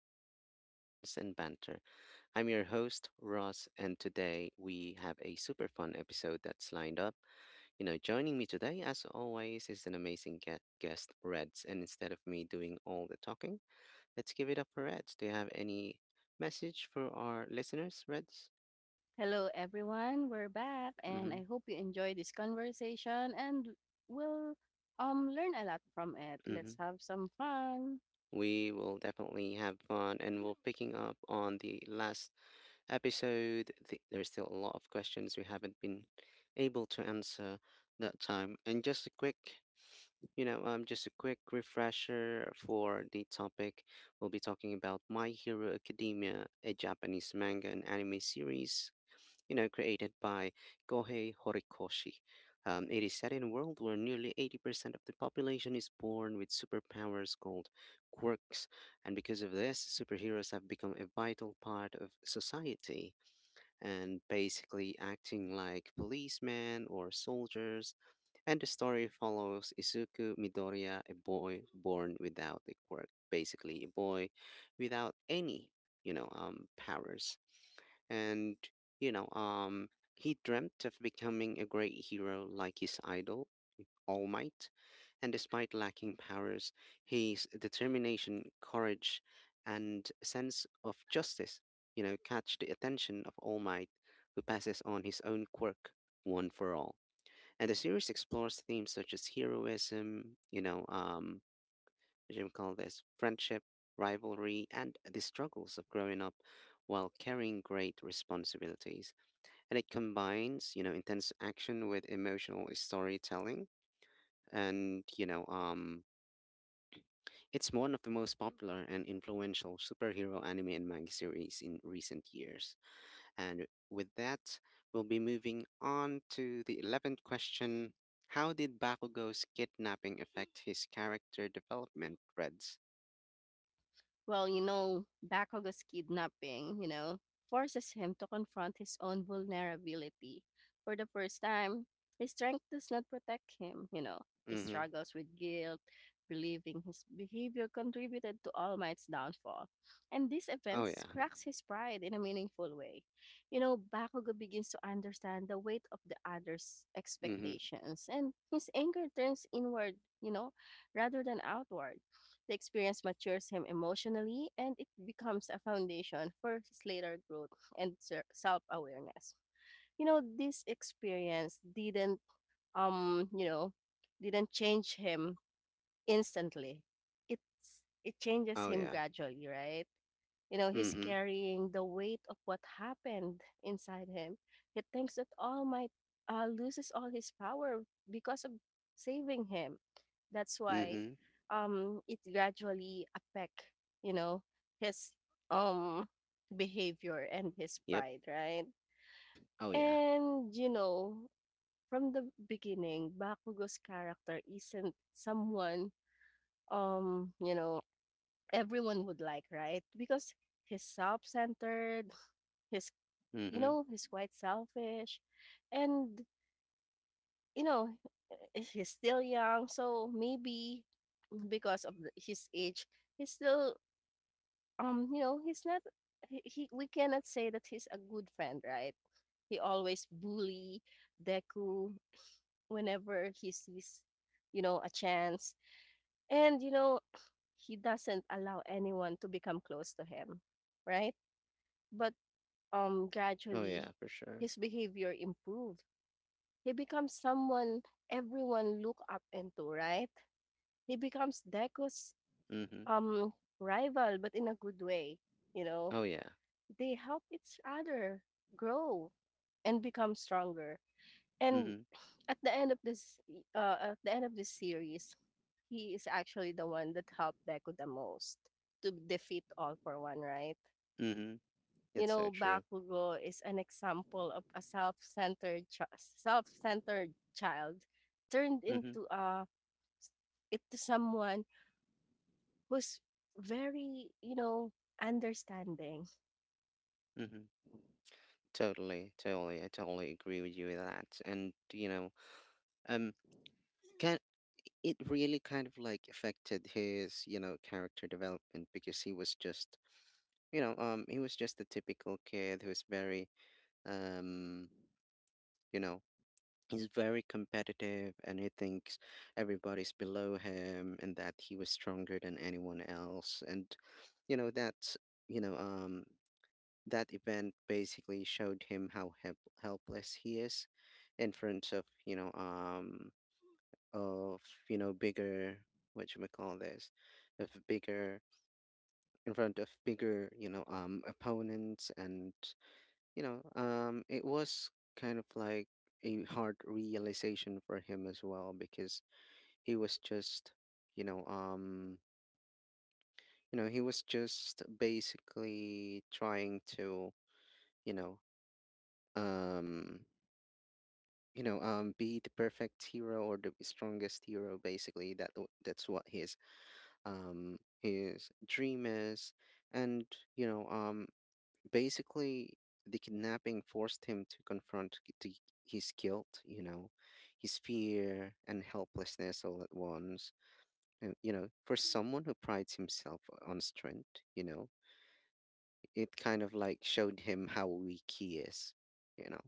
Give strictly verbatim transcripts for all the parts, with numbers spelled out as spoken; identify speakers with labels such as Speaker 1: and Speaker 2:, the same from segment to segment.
Speaker 1: for light discussions and banter. I'm your host, Ross, and today we have a super fun episode that's lined up. You know, joining me today, as always, is an amazing gue- guest, Reds. And instead of me doing all the talking, let's give it up for Reds. Do you have any message for our listeners, Reds?
Speaker 2: Hello, everyone. We're back,
Speaker 1: Mm
Speaker 2: and
Speaker 1: hmm.
Speaker 2: I hope you enjoy this conversation and will um learn a lot from it.
Speaker 1: Mm
Speaker 2: Let's
Speaker 1: hmm.
Speaker 2: have some fun.
Speaker 1: We will definitely have fun and we are picking up on the last episode. Th- there's still a lot of questions we haven't been able to answer that time. And just a quick, you know, um, just a quick refresher for the topic. We'll be talking about My Hero Academia, a Japanese manga and anime series, you know, created by Kohei Horikoshi. Um, it is set in a world where nearly eighty percent of the population is born with superpowers called quirks, and because of this, superheroes have become a vital part of society and basically acting like policemen or soldiers, and the story follows Izuku Midoriya, a boy born without a quirk, basically a boy without any, you know, um, powers. And, you know, um, he dreamt of becoming a great hero like his idol, All Might. And despite lacking powers, his determination, courage, and sense of justice, you know, catch the attention of All Might, who passes on his own quirk, one for all. And the series explores themes such as heroism, you know, um, what do you call this, friendship, rivalry, and the struggles of growing up while carrying great responsibilities. And it combines, you know, intense action with emotional storytelling. And, you know, um, it's one of the most popular and influential superhero anime and manga series in recent years. And with that, we'll be moving on to the eleventh question. How did Bakugo's kidnapping affect his character development, Reds?
Speaker 2: Well, you know, Bakugo's kidnapping, you know, forces him to confront his own vulnerability. For the first time, his strength does not protect him, you know. He
Speaker 1: Mm-hmm.
Speaker 2: struggles with guilt, believing his behavior contributed to All Might's downfall. And this
Speaker 1: Oh,
Speaker 2: event
Speaker 1: yeah.
Speaker 2: cracks his pride in a meaningful way. You know, Bakugo begins to understand the weight of the other's
Speaker 1: Mm-hmm.
Speaker 2: expectations, and his anger turns inward, you know, rather than outward the experience matures him emotionally, and it becomes a foundation for his later growth and self awareness. You know, this experience didn't, um, you know, didn't change him instantly. It's it changes
Speaker 1: Oh,
Speaker 2: him
Speaker 1: yeah.
Speaker 2: gradually, right? You know, he's
Speaker 1: Mm-hmm.
Speaker 2: carrying the weight of what happened inside him. He thinks that all might uh, loses all his power because of saving him. That's why
Speaker 1: Mm-hmm.
Speaker 2: um, it gradually affect, you know, his um behavior and his
Speaker 1: Yep.
Speaker 2: pride, right?
Speaker 1: Oh, yeah.
Speaker 2: And you know, from the beginning, Bakugo's character isn't someone um, you know, everyone would like, right? Because he's self-centered, He's, you
Speaker 1: Mm-hmm.
Speaker 2: know, he's quite selfish. And, you know, eh, he's still young. So maybe because of the- his age, he's still, um, you know, he's not, he, he, we cannot say that he's a good friend, right? He always bully Deku whenever he sees, you know, a chance. And, you know, he doesn't allow anyone to become close to him, right? But um
Speaker 1: Oh,
Speaker 2: gradually
Speaker 1: yeah, for sure.
Speaker 2: his behavior improved. He becomes someone everyone look up into, right? He becomes Deko's
Speaker 1: Mm-hmm.
Speaker 2: um rival, but in a good way. You know,
Speaker 1: Oh, yeah.
Speaker 2: they help each other grow and become stronger. And
Speaker 1: Mm-hmm.
Speaker 2: at the end of this, uh, at the end of this series, he is actually the one that helped Deko the most to defeat All for One, right?
Speaker 1: Mm-hmm.
Speaker 2: You
Speaker 1: That's so
Speaker 2: know,
Speaker 1: true.
Speaker 2: Bakugo is an example of a self-centered chi- self-centered child turned
Speaker 1: Mm-hmm.
Speaker 2: into a into someone who's very, you know, understanding.
Speaker 1: Mm-hmm. Totally, totally, I totally agree with you with that. And you know, um, can it really kind of like affected his you know character development, because he was just you know um he was just a typical kid who's very um you know he's very competitive and he thinks everybody's below him and that he was stronger than anyone else, and you know that's you know um that event basically showed him how help- helpless he is in front of you know um of you know bigger, what you call this of bigger, in front of bigger you know um opponents. And you know um it was kind of like a hard realization for him as well, because he was just you know um you know he was just basically trying to you know um you know um be the perfect hero or the strongest hero, basically that w- that's what he um, his dream is. And, you know, um, Basically, the kidnapping forced him to confront g- the, his guilt, you know, his fear and helplessness all at once. And, you know, for someone who prides himself on strength, you know, it kind of like showed him how weak he is, you know.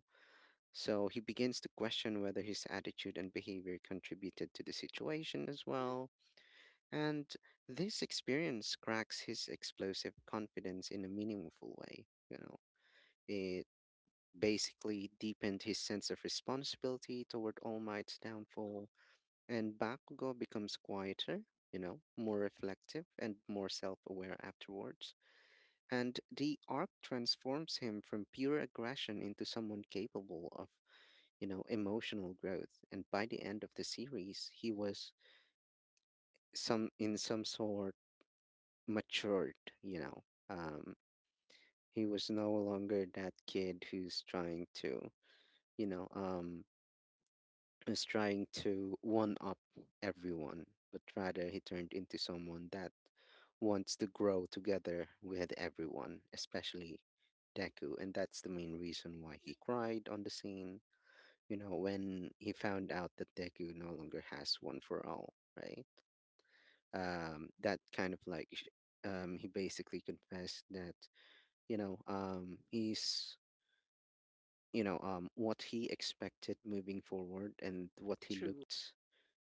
Speaker 1: So he begins to question whether his attitude and behavior contributed to the situation as well, and this experience cracks his explosive confidence in a meaningful way. You know, it basically deepened his sense of responsibility toward All Might's downfall, and Bakugo becomes quieter, you know, more reflective and more self aware afterwards. And the arc transforms him from pure aggression into someone capable of, you know, emotional growth. And by the end of the series, he was some in some sort matured, you know. Um, he was no longer that kid who's trying to, you know, um, who's trying to one up everyone, but rather he turned into someone that wants to grow together with everyone, especially Deku. And that's the main reason why he cried on the scene, you know, when he found out that Deku no longer has one for all, right? Um, that kind of like, sh- um, he basically confessed that. you know, um, is, you know, um, what he expected moving forward and what he
Speaker 2: True.
Speaker 1: looked,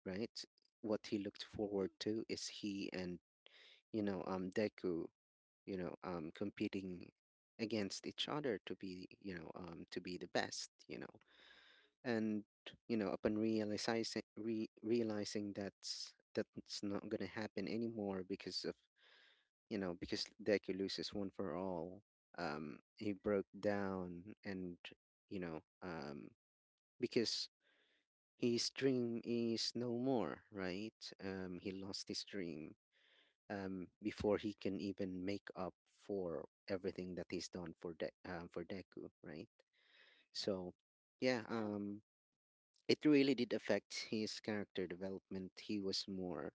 Speaker 1: right? What he looked forward to is he and, you know, um, Deku, you know, um, competing against each other to be, you know, um, to be the best, you know. And, you know, upon realizing, re- realizing that's, that's not going to happen anymore because of you know, because Deku loses one for all, um, he broke down and, you know, um, because his dream is no more, right? Um, he lost his dream um, before he can even make up for everything that he's done for De- uh, for Deku, right? So, yeah, um, it really did affect his character development. He was more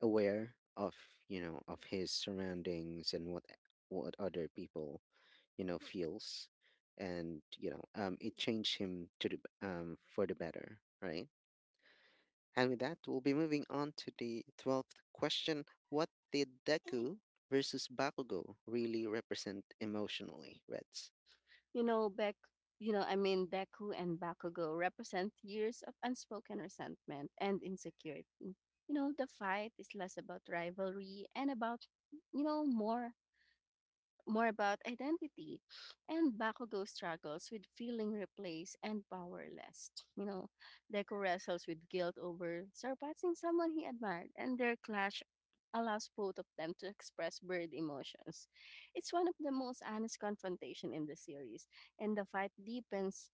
Speaker 1: aware of you know of his surroundings and what what other people you know feels. And you know um it changed him to the b- um for the better, right? And with that, we'll be moving on to the twelfth question. What did Deku versus Bakugo really represent emotionally, Reds?
Speaker 2: You know, Beck, you know, I mean, Deku and Bakugo represent years of unspoken resentment and insecurity. You know, the fight is less about rivalry and about, you know, more more about identity and Bakugo struggles with feeling replaced and powerless. You know, Deku wrestles with guilt over surpassing someone he admired, and their clash allows both of them to express buried emotions. It's one of the most honest confrontation in the series, and the fight deepens,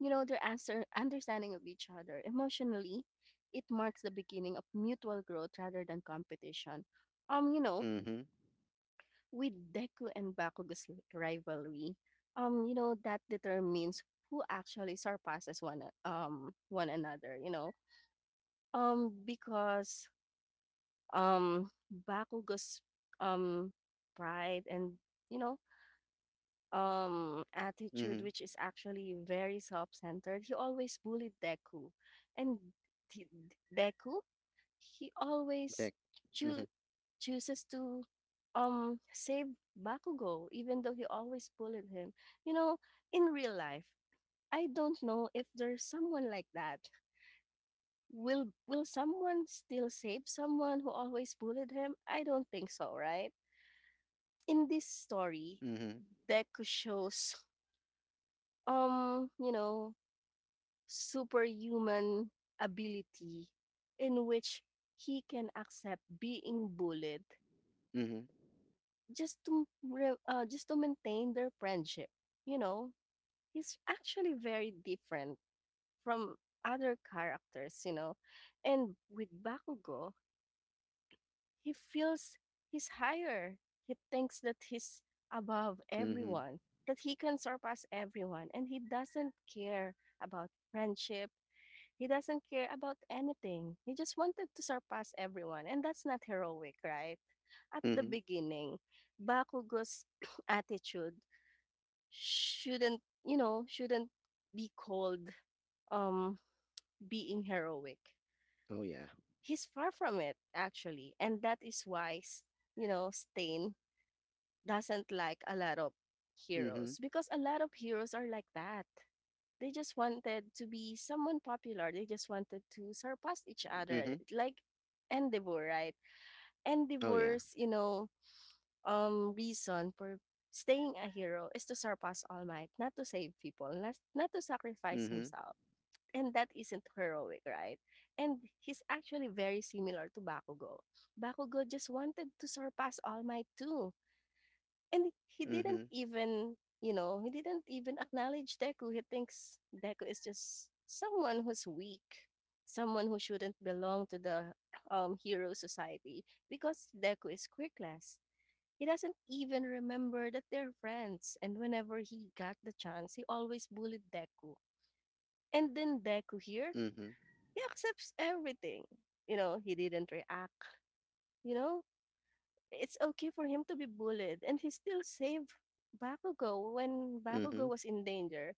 Speaker 2: you know, their answer, understanding of each other. Emotionally, it marks the beginning of mutual growth rather than competition. Um, you know,
Speaker 1: Mm-hmm.
Speaker 2: with Deku and Bakugo's l- rivalry, um, you know, that determines who actually surpasses one a- um one another, you know. Um, because um Bakugo's um pride and you know um attitude
Speaker 1: Mm-hmm.
Speaker 2: which is actually very self-centered, he always bullied Deku. And D- Deku he always
Speaker 1: Dek.
Speaker 2: choo-
Speaker 1: Mm-hmm.
Speaker 2: chooses to um save Bakugo, even though he always bullied him. You know, in real life, I don't know if there's someone like that. Will will someone still save someone who always bullied him? I don't think so, right? In this story,
Speaker 1: Mm-hmm.
Speaker 2: Deku shows um, you know, superhuman ability in which he can accept being bullied
Speaker 1: Mm-hmm.
Speaker 2: just to re- uh, just to maintain their friendship. You know, he's actually very different from other characters. You know, and with Bakugo, he feels he's higher. He thinks that he's above
Speaker 1: Mm-hmm.
Speaker 2: everyone, that he can surpass everyone, and he doesn't care about friendship he doesn't care about anything. He just wanted to surpass everyone, and that's not heroic, right? At the
Speaker 1: Mm-hmm.
Speaker 2: beginning, Bakugo's attitude shouldn't, you know, shouldn't be called um being heroic.
Speaker 1: Oh yeah.
Speaker 2: He's far from it actually, and that is why, s- you know, Stain doesn't like a lot of
Speaker 1: Mm-hmm.
Speaker 2: heroes because a lot of heroes are like that. They just wanted to be someone popular. They just wanted to surpass each
Speaker 1: Mm-hmm.
Speaker 2: other, like Endeavor, right?
Speaker 1: Oh yeah.
Speaker 2: Endeavor's, you know, um, reason for staying a hero is to surpass All Might, not to save people, not, not to sacrifice
Speaker 1: Mm-hmm.
Speaker 2: himself. And that isn't heroic, right? And he's actually very similar to Bakugo. Bakugo just wanted to surpass All Might too and he didn't
Speaker 1: Mm-hmm.
Speaker 2: even, you know, he didn't even acknowledge Deku. He thinks Deku is just someone who's weak, someone who shouldn't belong to the um, hero society because Deku is quirkless. He doesn't even remember that they're friends. And whenever he got the chance, he always bullied Deku. And then Deku here,
Speaker 1: Mhm.
Speaker 2: he accepts everything. You know, he didn't react. You know, it's okay for him to be bullied and he still saved Bakugo when Bakugo
Speaker 1: Mhm.
Speaker 2: was in danger.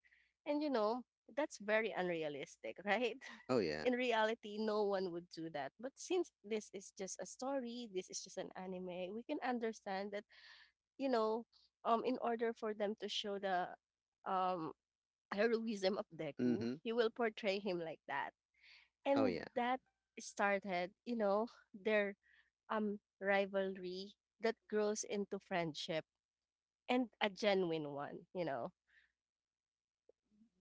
Speaker 2: And you know, that's very unrealistic, right?
Speaker 1: Oh yeah.
Speaker 2: In reality, no one would do that. But since this is just a story, this is just an anime, we can understand that, you know, um in order for them to show the um heroism of Deku,
Speaker 1: Mhm.
Speaker 2: he will portray him like that.
Speaker 1: Oh
Speaker 2: And
Speaker 1: yeah.
Speaker 2: that started, you know, their um, rivalry that grows into friendship and a genuine one, you know?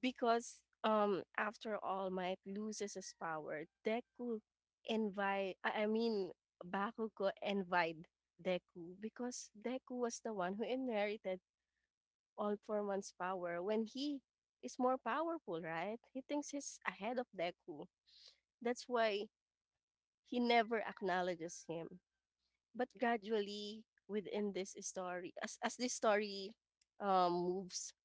Speaker 2: Because um, after All Might loses his power, Deku invite, I I mean, Bakugo envied Deku because Deku was the one who inherited All For One's power when he is more powerful, right? He thinks he's ahead of Deku. That's why he never acknowledges him. But gradually within this story as as this story um, moves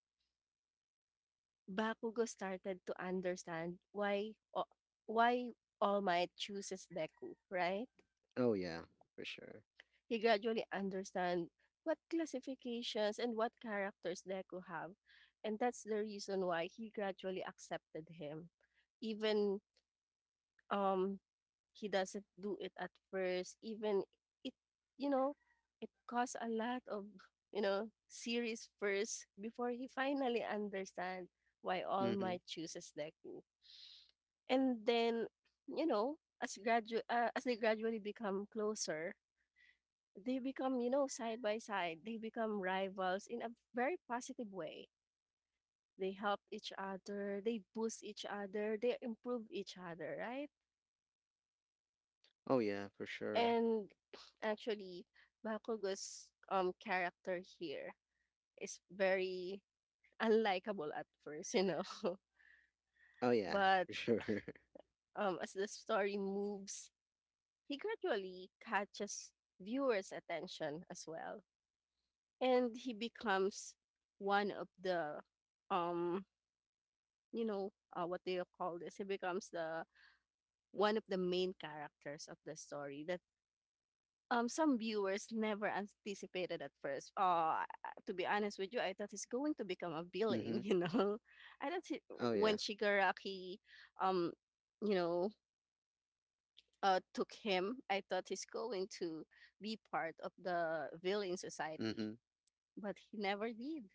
Speaker 2: Bakugo started to understand why o- why all might chooses Deku, right?
Speaker 1: Oh yeah. For sure.
Speaker 2: He gradually understand what classifications and what characters Deku have, and that's the reason why he gradually accepted him even um he doesn't do it at first even it you know it caused a lot of you know series first before he finally understand why all
Speaker 1: Mhm.
Speaker 2: might chooses Deku. And then you know as gradu- uh, as they gradually become closer they become you know side by side they become rivals in a very positive way. They help each other they boost each other they improve each other, right?
Speaker 1: Oh yeah. For sure.
Speaker 2: And actually, Bakugo's um character here is very unlikable at first, you know.
Speaker 1: Oh yeah.
Speaker 2: But
Speaker 1: For sure.
Speaker 2: um as the story moves, he gradually catches viewers' attention as well. And he becomes one of the um you know, uh, what do you call this? He becomes the one of the main characters of the story that Um, some viewers never anticipated at first. Uh, to be honest with you, I thought he's going to become a villain,
Speaker 1: Mhm.
Speaker 2: you know. I thought he,
Speaker 1: Oh yeah.
Speaker 2: when Shigaraki, um, you know, uh, took him, I thought he's going to be part of the villain society,
Speaker 1: Mhm.
Speaker 2: but he never did.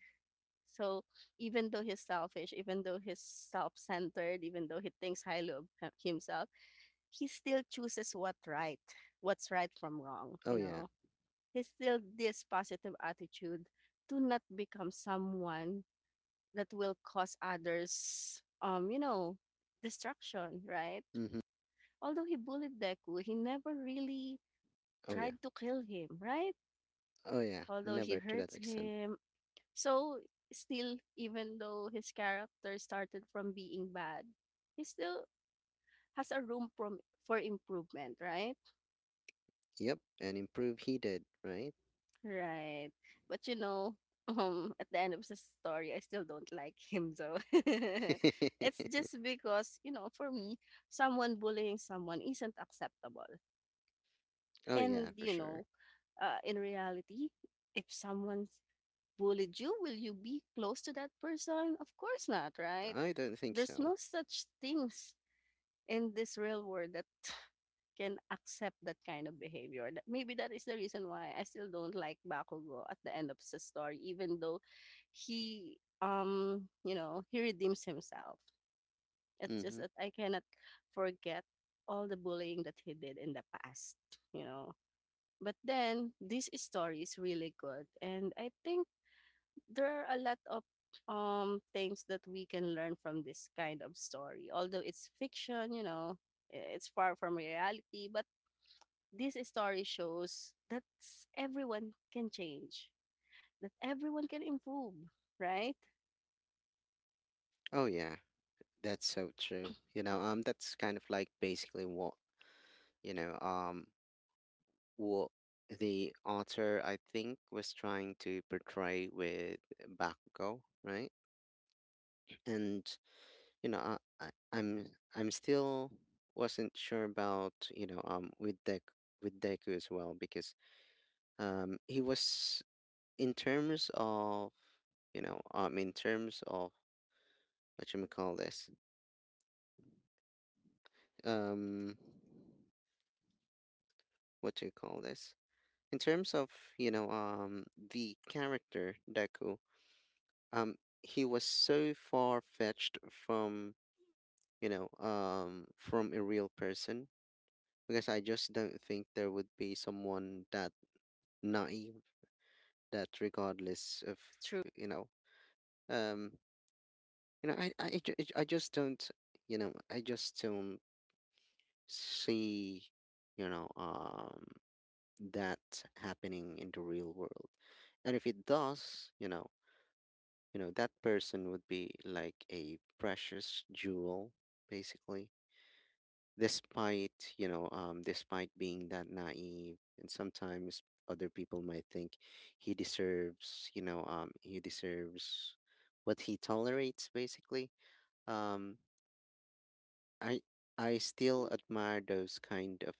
Speaker 2: So even though he's selfish, even though he's self-centered, even though he thinks highly of him- himself, he still chooses what right, what's right from wrong,
Speaker 1: Oh
Speaker 2: you
Speaker 1: yeah.
Speaker 2: know instilled this positive attitude to not become someone that will cause others, um, you know, destruction, right?
Speaker 1: Mhm.
Speaker 2: Although he bullied Deku, he never really
Speaker 1: Oh yeah.
Speaker 2: tried to kill him, right?
Speaker 1: Oh yeah.
Speaker 2: Although he
Speaker 1: Never to that
Speaker 2: hurts
Speaker 1: extent.
Speaker 2: him. So, still, even though his character started from being bad, he still has a room from, for improvement, right?
Speaker 1: Yep. And improve he did, right?
Speaker 2: Right. But you know, um, at the end of the story, I still don't like him though. It's just because, you know, for me, someone bullying someone isn't acceptable.
Speaker 1: Oh
Speaker 2: And,
Speaker 1: yeah. For
Speaker 2: you
Speaker 1: sure.
Speaker 2: know, uh, in reality, if someone's bullied you, will you be close to that person? Of course not, right?
Speaker 1: I don't think
Speaker 2: There's
Speaker 1: so.
Speaker 2: no such things in this real world that can accept that kind of behavior. That maybe that is the reason why I still don't like Bakugo at the end of the story, even though he um you know he redeems himself. It's just
Speaker 1: Mhm.
Speaker 2: that I cannot forget all the bullying that he did in the past, you know. But then this story is really good, and I think there are a lot of um things that we can learn from this kind of story although it's fiction you know it's far from reality but this story shows that everyone can change, that everyone can improve, right?
Speaker 1: Oh yeah. That's so true. You know. Um. That's kind of like basically what you know. Um. What the author, I think, was trying to portray with Bakugo, right? And you know, I, I, I'm I'm still wasn't sure about you know um with Dek with Deku as well, because um he was in terms of you know um in terms of what you may call this um what do you call this in terms of you know um the character Deku, um he was so far fetched from you know um from a real person, because I just don't think there would be someone that naive, that regardless of
Speaker 2: True,
Speaker 1: you know um you know I I ju- I just don't you know I just don't see you know um that happening in the real world. And if it does, you know you know that person would be like a precious jewel, basically, despite you know um despite being that naive. And sometimes other people might think he deserves you know um he deserves what he tolerates, basically um i i still admire those kind of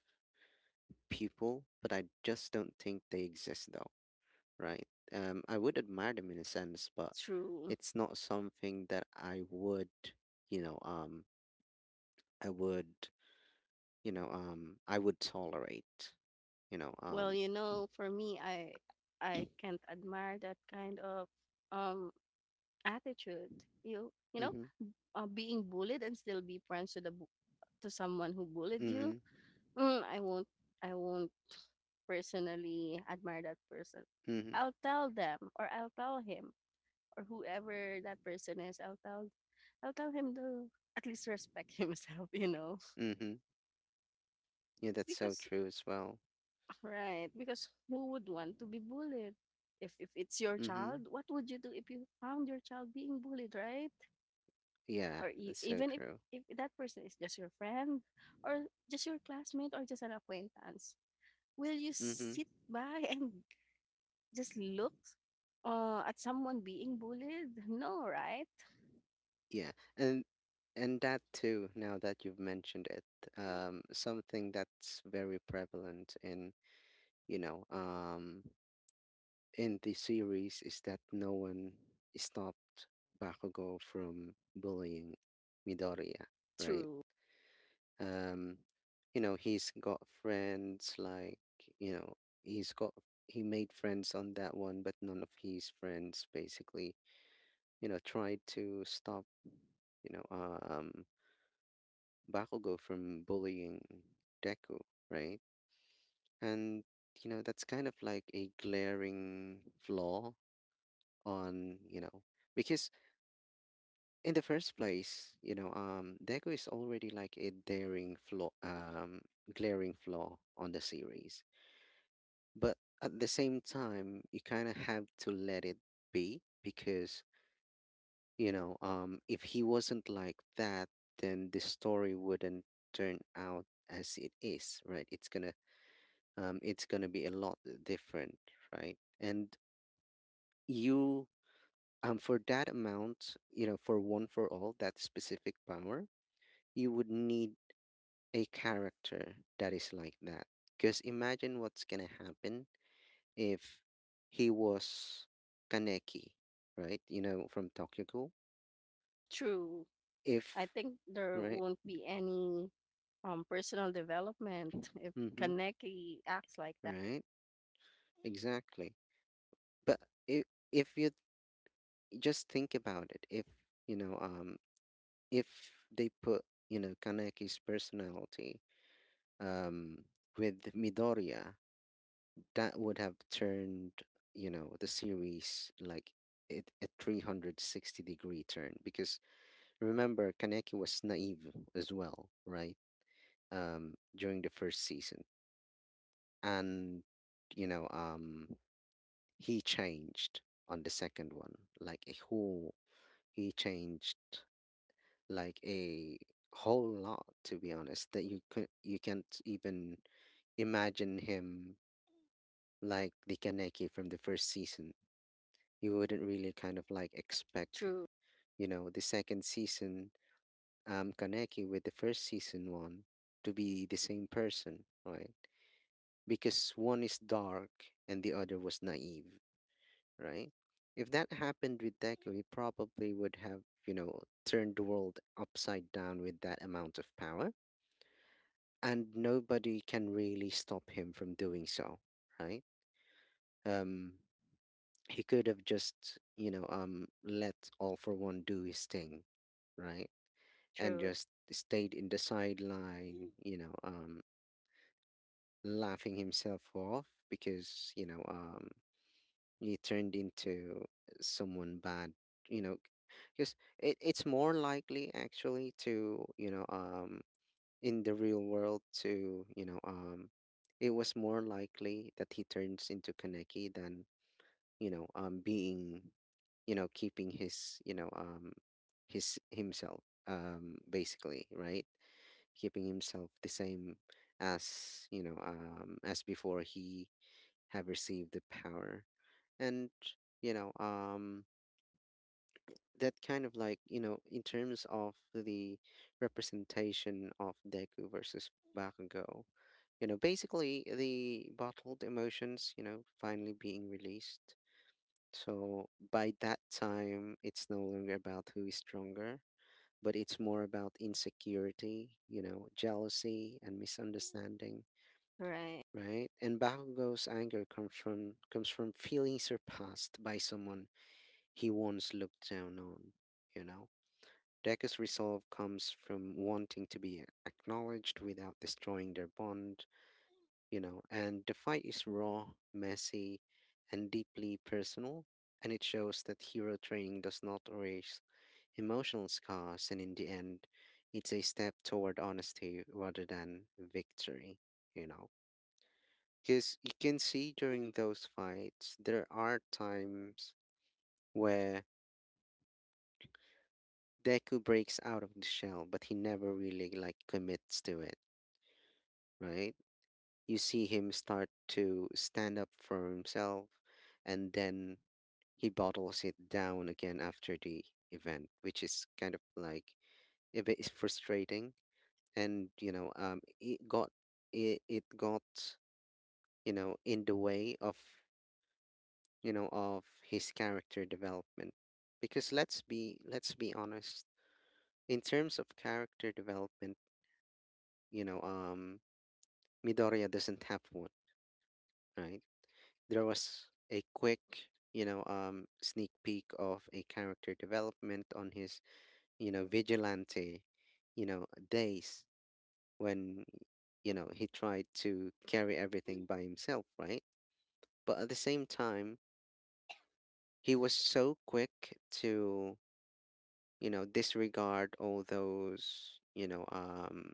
Speaker 1: people, but I just don't think they exist though, right? um I would admire them in a sense, but
Speaker 2: true.
Speaker 1: it's not something that I would you know um I would you know um I would tolerate you know um
Speaker 2: Well, you know, for me, I I can't admire that kind of um attitude. You you know,
Speaker 1: Mm-hmm.
Speaker 2: uh, being bullied and still be friends to the bu- to someone who bullied you.
Speaker 1: Mm-hmm.
Speaker 2: Mm, I won't I won't personally admire that person.
Speaker 1: Mm-hmm.
Speaker 2: I'll tell them or I'll tell him or whoever that person is, I'll tell I'll tell him to at least respect himself, you know.
Speaker 1: Mm-hmm. Yeah, that's so
Speaker 2: Because
Speaker 1: true as well.
Speaker 2: right, because who would want to be bullied? If if it's your
Speaker 1: Mm-hmm.
Speaker 2: child, what would you do if you found your child being bullied, right?
Speaker 1: Yeah,
Speaker 2: Or e-
Speaker 1: that's so
Speaker 2: even if
Speaker 1: true.
Speaker 2: if that person is just your friend or just your classmate or just an acquaintance, will you
Speaker 1: Mm-hmm.
Speaker 2: sit by and just look uh, at someone being bullied? No, right?
Speaker 1: Yeah. And and that too, now that you've mentioned it, um, something that's very prevalent in, you know, um in the series is that no one stopped Bakugo from bullying Midoriya, right?
Speaker 2: True.
Speaker 1: um you know, he's got friends like you know he's got he made friends on that one, but none of his friends basically you know tried to stop you know um Bakugo from bullying Deku, right? And you know that's kind of like a glaring flaw on, you know, because in the first place, you know um Deku is already like a daring flaw um glaring flaw on the series. But at the same time, you kind of have to let it be, because you know um if he wasn't like that, then the story wouldn't turn out as it is, right? It's gonna um it's gonna be a lot different, right? And you um for that amount, you know for one for all, that specific power, you would need a character that is like that, because imagine what's gonna happen if he was Kaneki, right? You know, from Tokyo Ghoul.
Speaker 2: True. I
Speaker 1: If,
Speaker 2: think there
Speaker 1: right?
Speaker 2: won't be any um personal development if
Speaker 1: Mm-hmm.
Speaker 2: Kaneki acts like that.
Speaker 1: Right? Exactly. But if, if you just think about it, if, you know, um, if they put, you know, Kaneki's personality um, with Midoriya, that would have turned, you know, the series like it, a three hundred sixty degree turn, because remember Kaneki was naive as well, right? Um, during the first season, and you know, um, he changed on the second one, like a whole. He changed like a whole lot, to be honest. That you could you can't even imagine him like the Kaneki from the first season. You wouldn't really kind of like expect,
Speaker 2: True,
Speaker 1: you know, the second season um Kaneki with the first season one to be the same person, right? Because one is dark and the other was naive, right? If that happened with Deku, he probably would have, you know, turned the world upside down with that amount of power, and nobody can really stop him from doing so, right? Um, he could have just, you know, um, let All for One do his thing, right? And
Speaker 2: true,
Speaker 1: just stayed in the sideline, you know, um, laughing himself off because, you know, um, you turned into someone bad, you know because it, it's more likely actually to, you know um in the real world, to, you know um it was more likely that he turns into Kaneki than, you know um being, you know keeping his, you know um his himself, um basically, right? Keeping himself the same as, you know um as before he have received the power. And, you know um that kind of like, you know in terms of the representation of Deku versus Bakugo, you know basically the bottled emotions, you know finally being released. So by that time, it's no longer about who is stronger, but it's more about insecurity, you know jealousy, and misunderstanding,
Speaker 2: right,
Speaker 1: right? And Bakugo's anger comes from comes from feeling surpassed by someone he once looked down on, you know? Deku's resolve comes from wanting to be acknowledged without destroying their bond, you know, and the fight is raw, messy, and deeply personal, and it shows that hero training does not erase emotional scars, and in the end, it's a step toward honesty rather than victory, you know? Because you can see during those fights, there are times where Deku breaks out of the shell, but he never really like commits to it, right? You see him start to stand up for himself, and then he bottles it down again after the event, which is kind of like a bit frustrating. And you know, um, it got it, it got you know in the way of you know of his character development, because let's be let's be honest. In terms of character development, you know, um, Midoriya doesn't have one, right? There was a quick, you know, um, sneak peek of a character development on his, you know, vigilante, you know, days, when, you know, he tried to carry everything by himself, right? But at the same time, he was so quick to, you know, disregard all those, you know, um,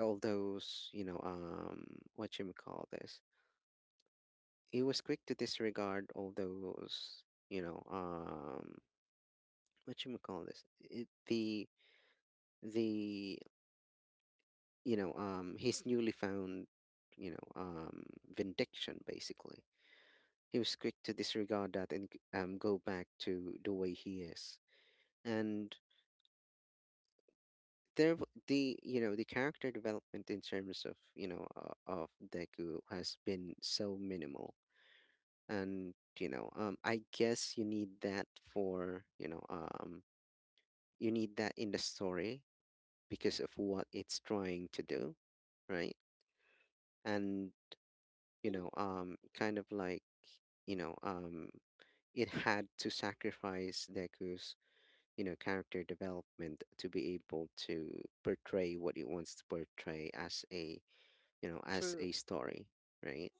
Speaker 1: all those, you know, um, what you may call this. He was quick to disregard all those, you know, um, what you call this? It, the the you know, um, his newly found, you know, um, vindication. Basically, he was quick to disregard that and g- um, go back to the way he is. And there, w- the you know, the character development in terms of, you know uh, of Deku has been so minimal. And, you know, um, I guess you need that for, you know, um, you need that in the story, because of what it's trying to do, right? And, you know um kind of like, you know um it had to sacrifice Deku's, you know character development, to be able to portray what it wants to portray as a, you know as
Speaker 2: true,
Speaker 1: a story, right?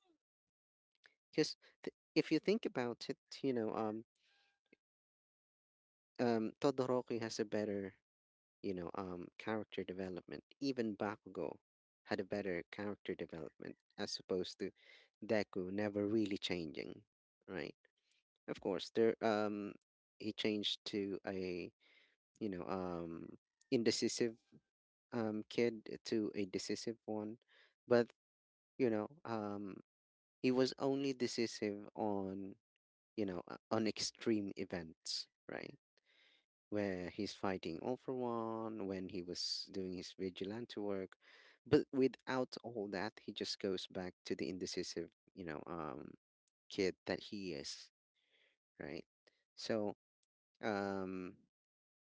Speaker 1: Because, th- if you think about it, you know um um Todoroki has a better, you know, um, character development. Even Bakugo had a better character development, as opposed to Deku never really changing, right? Of course, there um he changed to a, you know um indecisive, um kid to a decisive one, but, you know um he was only decisive on you know uh, on extreme events, right? Where he's fighting All for One, when he was doing his vigilante work, but without all that he just goes back to the indecisive, you know um kid that he is, right? So, um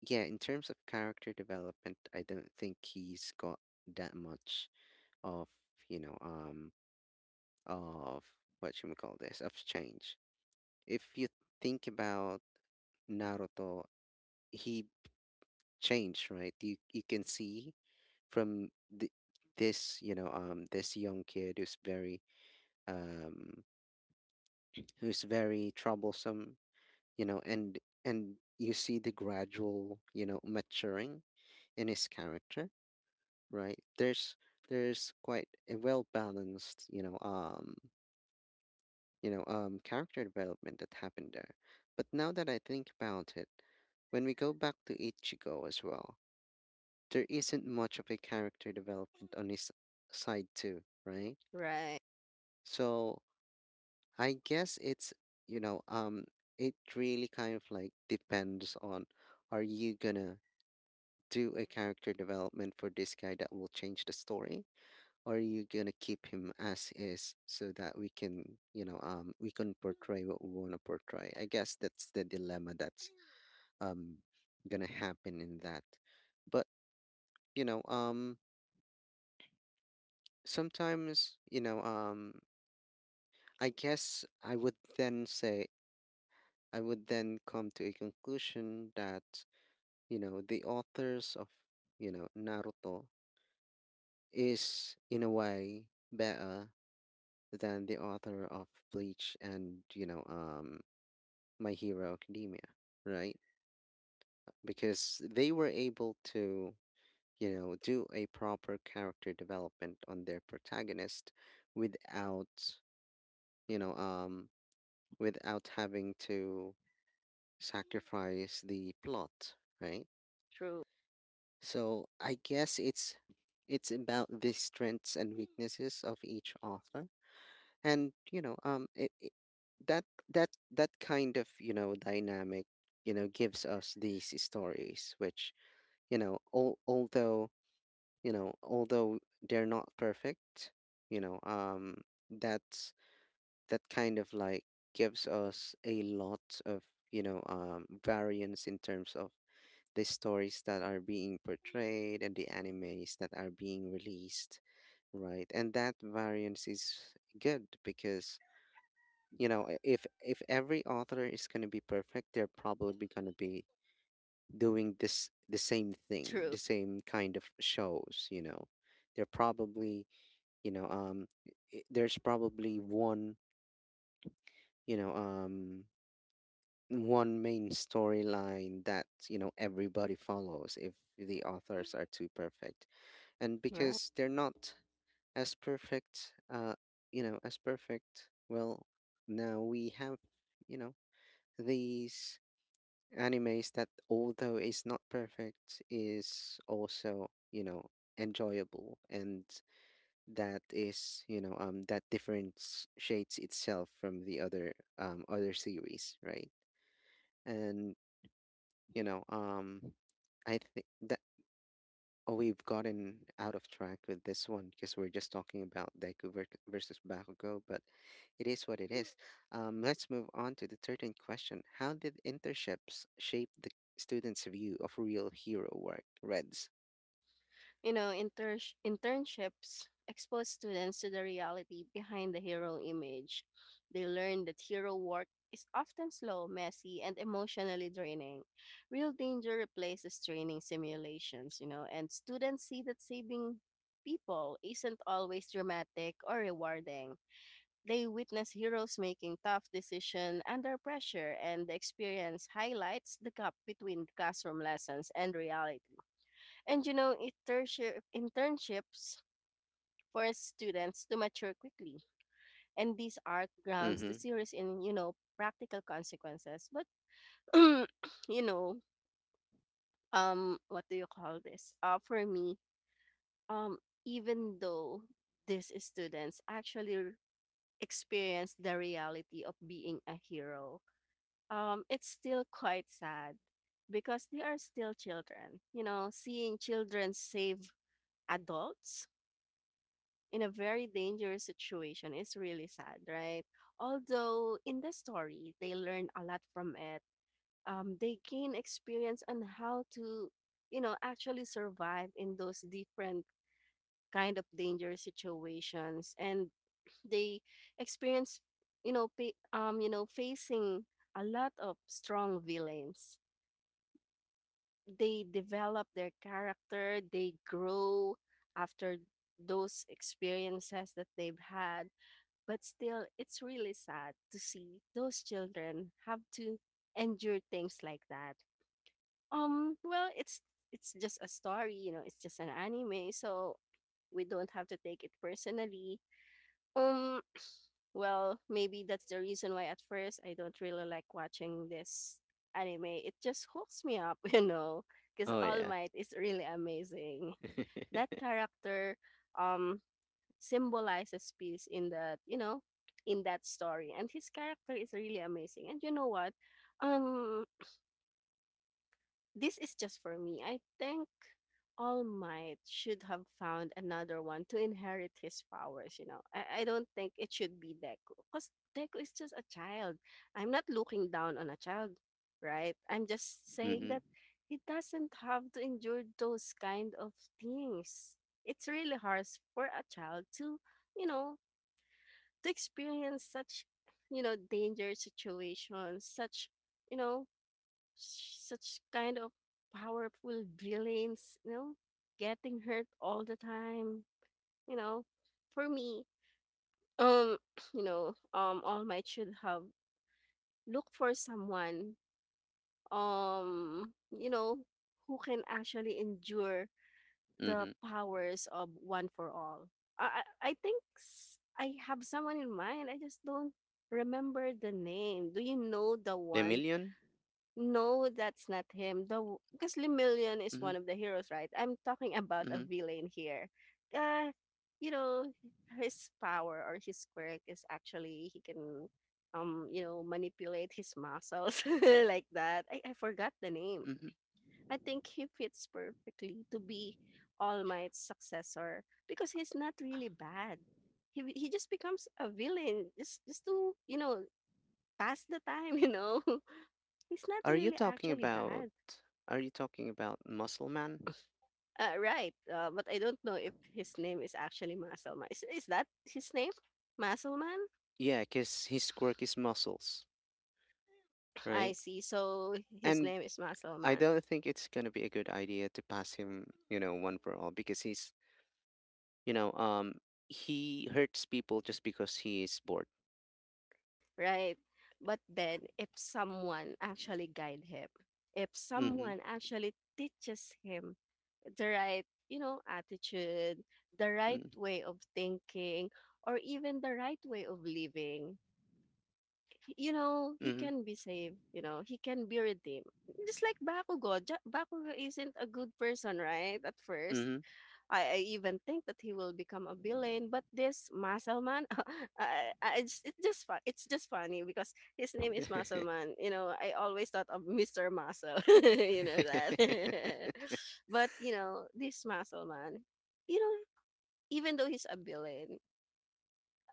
Speaker 1: yeah, in terms of character development, I don't think he's got that much of, you know um of what should we call this, of change. If you think about Naruto, he change, right? You you can see from the, this, you know, um, this young kid who's very, um, who's very troublesome, you know, and and you see the gradual, you know, maturing in his character, right? There's there's quite a well balanced, you know, um, you know, um, character development that happened there. But now that I think about it, when we go back to Ichigo as well, there isn't much of a character development on his side too, right?
Speaker 2: right,
Speaker 1: So I guess it's, you know um it really kind of like depends on, are you gonna do a character development for this guy that will change the story, or are you gonna keep him as is so that we can, you know um we can portray what we want to portray? I guess that's the dilemma that's, um gonna happen in that. But, you know um sometimes, you know um I guess I would then say, I would then come to a conclusion that, you know the authors of, you know Naruto is in a way better than the author of Bleach and, you know um My Hero Academia, right? Because they were able to, you know do a proper character development on their protagonist without, you know um without having to sacrifice the plot, right?
Speaker 2: true,
Speaker 1: So I guess it's it's about the strengths and weaknesses of each author, and, you know, um, it, it that that that kind of, you know dynamic, you know, gives us these stories, which, you know, al- although, you know, although they're not perfect, you know, um, that's, that kind of like gives us a lot of, you know um, variance in terms of the stories that are being portrayed and the animes that are being released, right? And that variance is good because, you know i- if if every author is going to be perfect, they're probably going to be doing this the same thing,
Speaker 2: true,
Speaker 1: the same kind of shows, you know. They're probably, you know um i- there's probably one, you know um one main storyline that, you know everybody follows if the authors are too perfect. And
Speaker 2: right.
Speaker 1: because they're not as perfect, uh you know as perfect, well, now we have, you know these animes that, although is not perfect, is also, you know, enjoyable, and that is, you know um that difference shades itself from the other, um other series, right? And, you know, um, I think that, oh, we've gotten out of track with this one, because we're just talking about Deku ver- versus Bakugo, but it is what it is. Um, let's move on to the thirteenth question. How did internships shape the students' view of real hero work? Reds.
Speaker 2: You know, inters- internships expose students to the reality behind the hero image. They learn that hero work is often slow, messy, and emotionally draining. Real danger replaces training simulations, you know, and students see that saving people isn't always dramatic or rewarding. They witness heroes making tough decisions under pressure, and the experience highlights the gap between classroom lessons and reality. And you know, internship, internships force students to mature quickly. And these art grounds the
Speaker 1: Mm-hmm.
Speaker 2: series in, you know, practical consequences. But, you know, um, what do you call this? Uh, for me, um, even though these students actually r- experience the reality of being a hero, um, it's still quite sad because they are still children. You know, seeing children save adults in a very dangerous situation is really sad, right? Although in the story, they learn a lot from it. Um, they gain experience on how to, you know, actually survive in those different kind of dangerous situations, and they experience, you know, pa- um, you know, facing a lot of strong villains. They develop their character. They grow after those experiences that they've had, but still, it's really sad to see those children have to endure things like that. Um, well, it's it's just a story, you know, it's just an anime, so we don't have to take it personally. Um, well, maybe that's the reason why at first I don't really like watching this anime. It just hooks me up, you know, because
Speaker 1: Oh,
Speaker 2: All
Speaker 1: yeah.
Speaker 2: Might is really amazing. That character, um, symbolizes peace in that you know in that story, and his character is really amazing. And you know what, um this is just for me. I think All Might should have found another one to inherit his powers. You know, i, I don't think it should be Deku, because Deku is just a child. I'm not looking down on a child, right? I'm just saying
Speaker 1: Mm-hmm.
Speaker 2: that he doesn't have to endure those kind of things. It's really hard for a child to, you know, to experience such, you know, danger situations, such, you know, s- such kind of powerful villains, you know, getting hurt all the time, you know. For me, um, you know, um, All Might should have looked for someone, um, you know, who can actually endure the
Speaker 1: Mm-hmm.
Speaker 2: powers of one for all. I I I think s- I have someone in mind. I just don't remember the name. Do you know the one?
Speaker 1: Lemillion?
Speaker 2: No, that's not him. The w- because Lemillion is
Speaker 1: Mm-hmm.
Speaker 2: one of the heroes, right? I'm talking about a
Speaker 1: Mm-hmm.
Speaker 2: villain here. Uh, you know, his power or his quirk is actually he can um you know manipulate his muscles like that. I I forgot the name.
Speaker 1: Mm-hmm.
Speaker 2: I think he fits perfectly to be All Might's successor because he's not really bad. He be- he just becomes a villain just just to, you know, pass the time. You know, he's not
Speaker 1: Are you
Speaker 2: really
Speaker 1: talking
Speaker 2: actually
Speaker 1: about,
Speaker 2: bad.
Speaker 1: are you talking about Muscle Man?
Speaker 2: Uh, right, uh, but I don't know if his name is actually Muscleman. Is is that his name? Muscleman?
Speaker 1: Yeah, because his quirk is muscles,
Speaker 2: I
Speaker 1: right?
Speaker 2: see. So his
Speaker 1: And
Speaker 2: name is
Speaker 1: I
Speaker 2: Muscleman,
Speaker 1: don't think it's gonna be a good idea to pass him, you know, One for All, because he's, you know, um, he hurts people just because he is bored.
Speaker 2: right? But then, if someone actually guide him, if
Speaker 1: Mm-hmm.
Speaker 2: someone actually teaches him the right, you know, attitude, the right way of thinking, or even the right way of living, you know, he
Speaker 1: Mm-hmm.
Speaker 2: can be saved. You know, he can be redeemed. Just like Bakugo, Ja- Bakugo isn't a good person, right? At first, I, I even think that he will become a villain, but this Muscle Man, I, I, it's, it's just fun. It's just funny because his name is Muscle
Speaker 1: Mm-hmm.
Speaker 2: Man. You know, I always thought of Mister Muscle. you know that, but you know this Muscle Man, you know, even though he's a villain,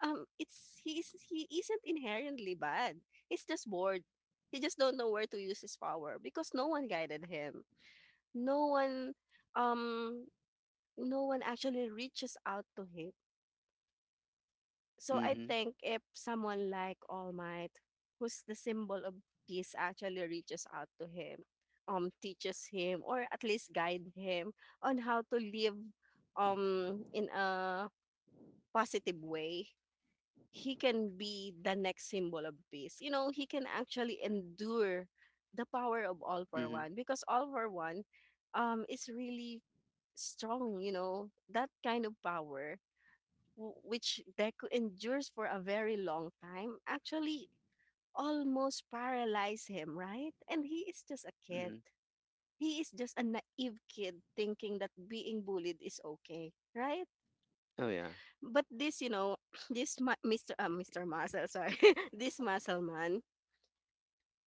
Speaker 2: um, it's he's he isn't inherently bad. He's just bored. He just don't know where to use his power because no one guided him. No one, um, no one actually reaches out to him. So I
Speaker 1: Mm-hmm.
Speaker 2: think if someone like All Might, who's the symbol of peace, actually reaches out to him, um, teaches him, or at least guide him on how to live um in a positive way, he can be the next symbol of peace. You know, he can actually endure the power of all for
Speaker 1: Mm-hmm.
Speaker 2: one, because all for one um is really strong. You know, that kind of power w- which Deku endures for a very long time, actually almost paralyze him, right? And he is just a kid.
Speaker 1: Mm-hmm.
Speaker 2: He is just a naive kid thinking that being bullied is okay, right?
Speaker 1: Oh yeah.
Speaker 2: But this, you know, this ma- mister Uh, mister Muscle, sorry, this muscle man,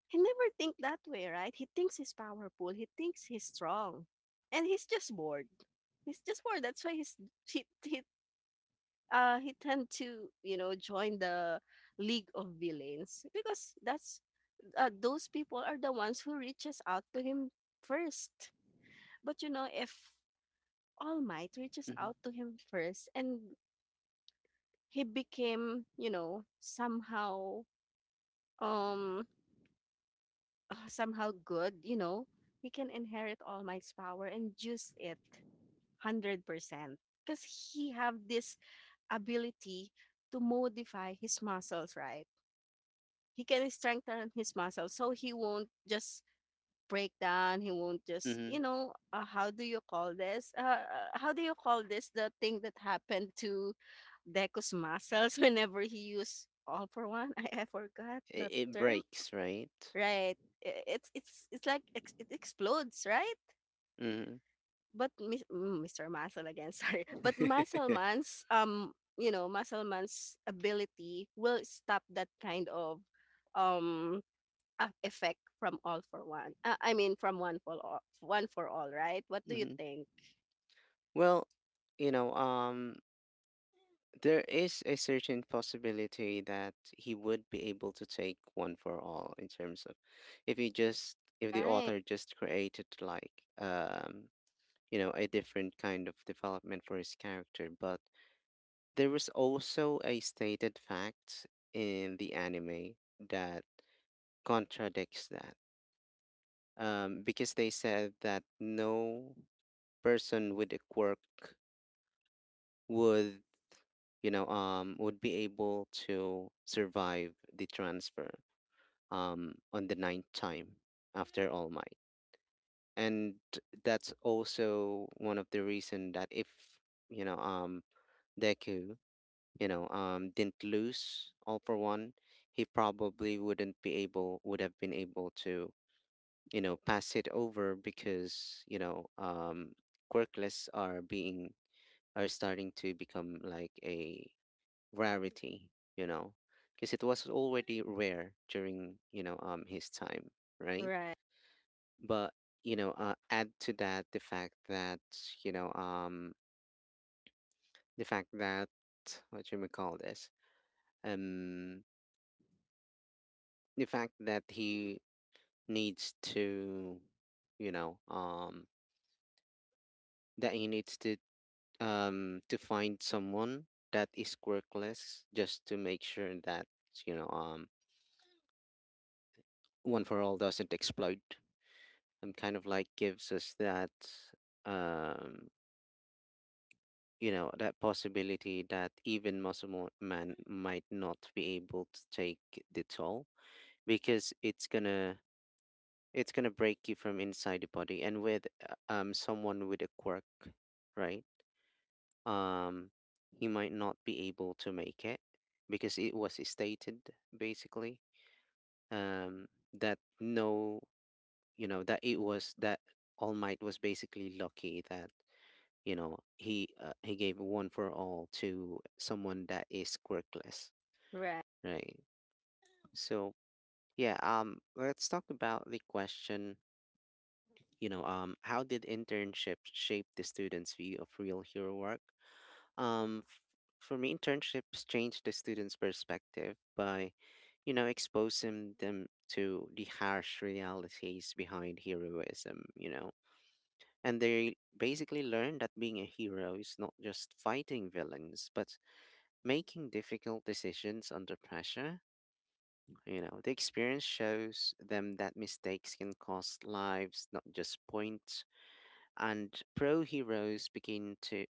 Speaker 2: he never think that way, right? He thinks he's powerful. He thinks he's strong, and he's just bored. He's just bored. That's why he's he, he uh, he tend to, you know, join the League of Villains, because that's uh, those people are the ones who reaches out to him first. But you know, if All Might reaches
Speaker 1: Mm-hmm.
Speaker 2: out to him first, and he became you know somehow um uh, somehow good, you know, he can inherit All Might's power and use it hundred percent because he have this ability to modify his muscles, right? He can strengthen his muscles so he won't just break down. He won't just, you
Speaker 1: Mm-hmm.
Speaker 2: know, uh, how do you call this, uh, uh, how do you call this, the thing that happened to Deku's muscles whenever he used all for one. I, I forgot
Speaker 1: It,
Speaker 2: the
Speaker 1: it
Speaker 2: term.
Speaker 1: breaks, right?
Speaker 2: Right. I- it's it's it's like ex- it explodes, right?
Speaker 1: Mm-hmm.
Speaker 2: But mis- mm, mister Muscle again sorry, but Muscle Man's um you know Muscle Man's ability will stop that kind of um uh, effect from all for one. Uh, I mean, from one for all, one for all, right? What do you
Speaker 1: Mm-hmm.
Speaker 2: think?
Speaker 1: Well, you know, um, there is a certain possibility that he would be able to take One for All, in terms of, if he just, if the
Speaker 2: Right,
Speaker 1: author just created like, um you know a different kind of development for his character, but there was also a stated fact in the anime that contradicts that. Um because they said that no person with a quirk would you know, um, would be able to survive the transfer, um, on the ninth time after All Might. And that's also one of the reason that if, you know, um, Deku, you know, um, didn't lose All for One, he probably wouldn't be able, would have been able to, you know, pass it over, because, you know, um, quirkless are being, are starting to become like a rarity, you know, because it was already rare during, you know, um, his time, right?
Speaker 2: right,
Speaker 1: But, you know, uh, add to that the fact that, you know, um, the fact that, what you may call this, um, the fact that he needs to, you know, um, that he needs to, um, to find someone that is quirkless just to make sure that, you know, um, one for all doesn't explode and kind of like gives us that um you know that possibility that even muscle mo- man might not be able to take the toll, because it's gonna it's gonna break you from inside the body. And with uh, um someone with a quirk, right. um he might not be able to make it, because it was stated basically, um that no, you know that it was that All Might was basically lucky that, you know he uh, he gave one for all to someone that is quirkless,
Speaker 2: right,
Speaker 1: right. So, yeah um let's talk about the question. you know um how did internships shape the students view of real hero work? um f- for me, internships changed the students perspective by, you know exposing them to the harsh realities behind heroism, you know. And they basically learn that being a hero is not just fighting villains, but making difficult decisions under pressure. You know, the experience shows them that mistakes can cost lives, not just points. And pro heroes begin to,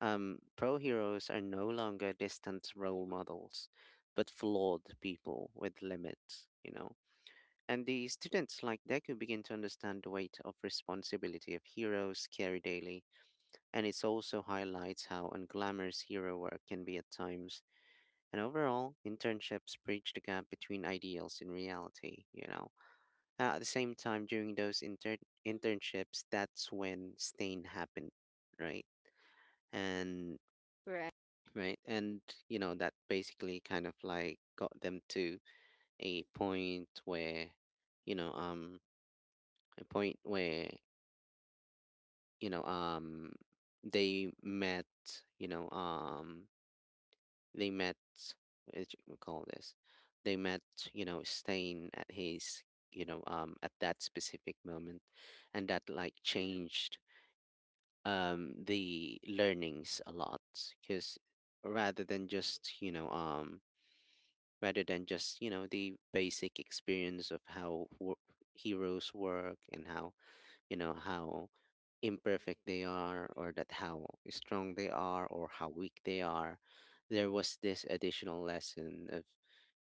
Speaker 1: um, pro heroes are no longer distant role models, but flawed people with limits, you know. And the students like Deku begin to understand the weight of responsibility of heroes carry daily, and it also highlights how unglamorous hero work can be at times, and overall, internships bridge the gap between ideals and reality, you know. Uh, at the same time, during those inter- internships, that's when stain happened, right? And
Speaker 2: right,
Speaker 1: right, and you know that basically kind of like got them to a point where, you know, um, a point where you know, um, they met, you know, um, they met, as we call this, they met, you know, staying at his, you know, um, at that specific moment, and that like changed um the learnings a lot, because rather than just you know um rather than just you know the basic experience of how wo- heroes work, and how, you know how imperfect they are, or that how strong they are or how weak they are, there was this additional lesson of,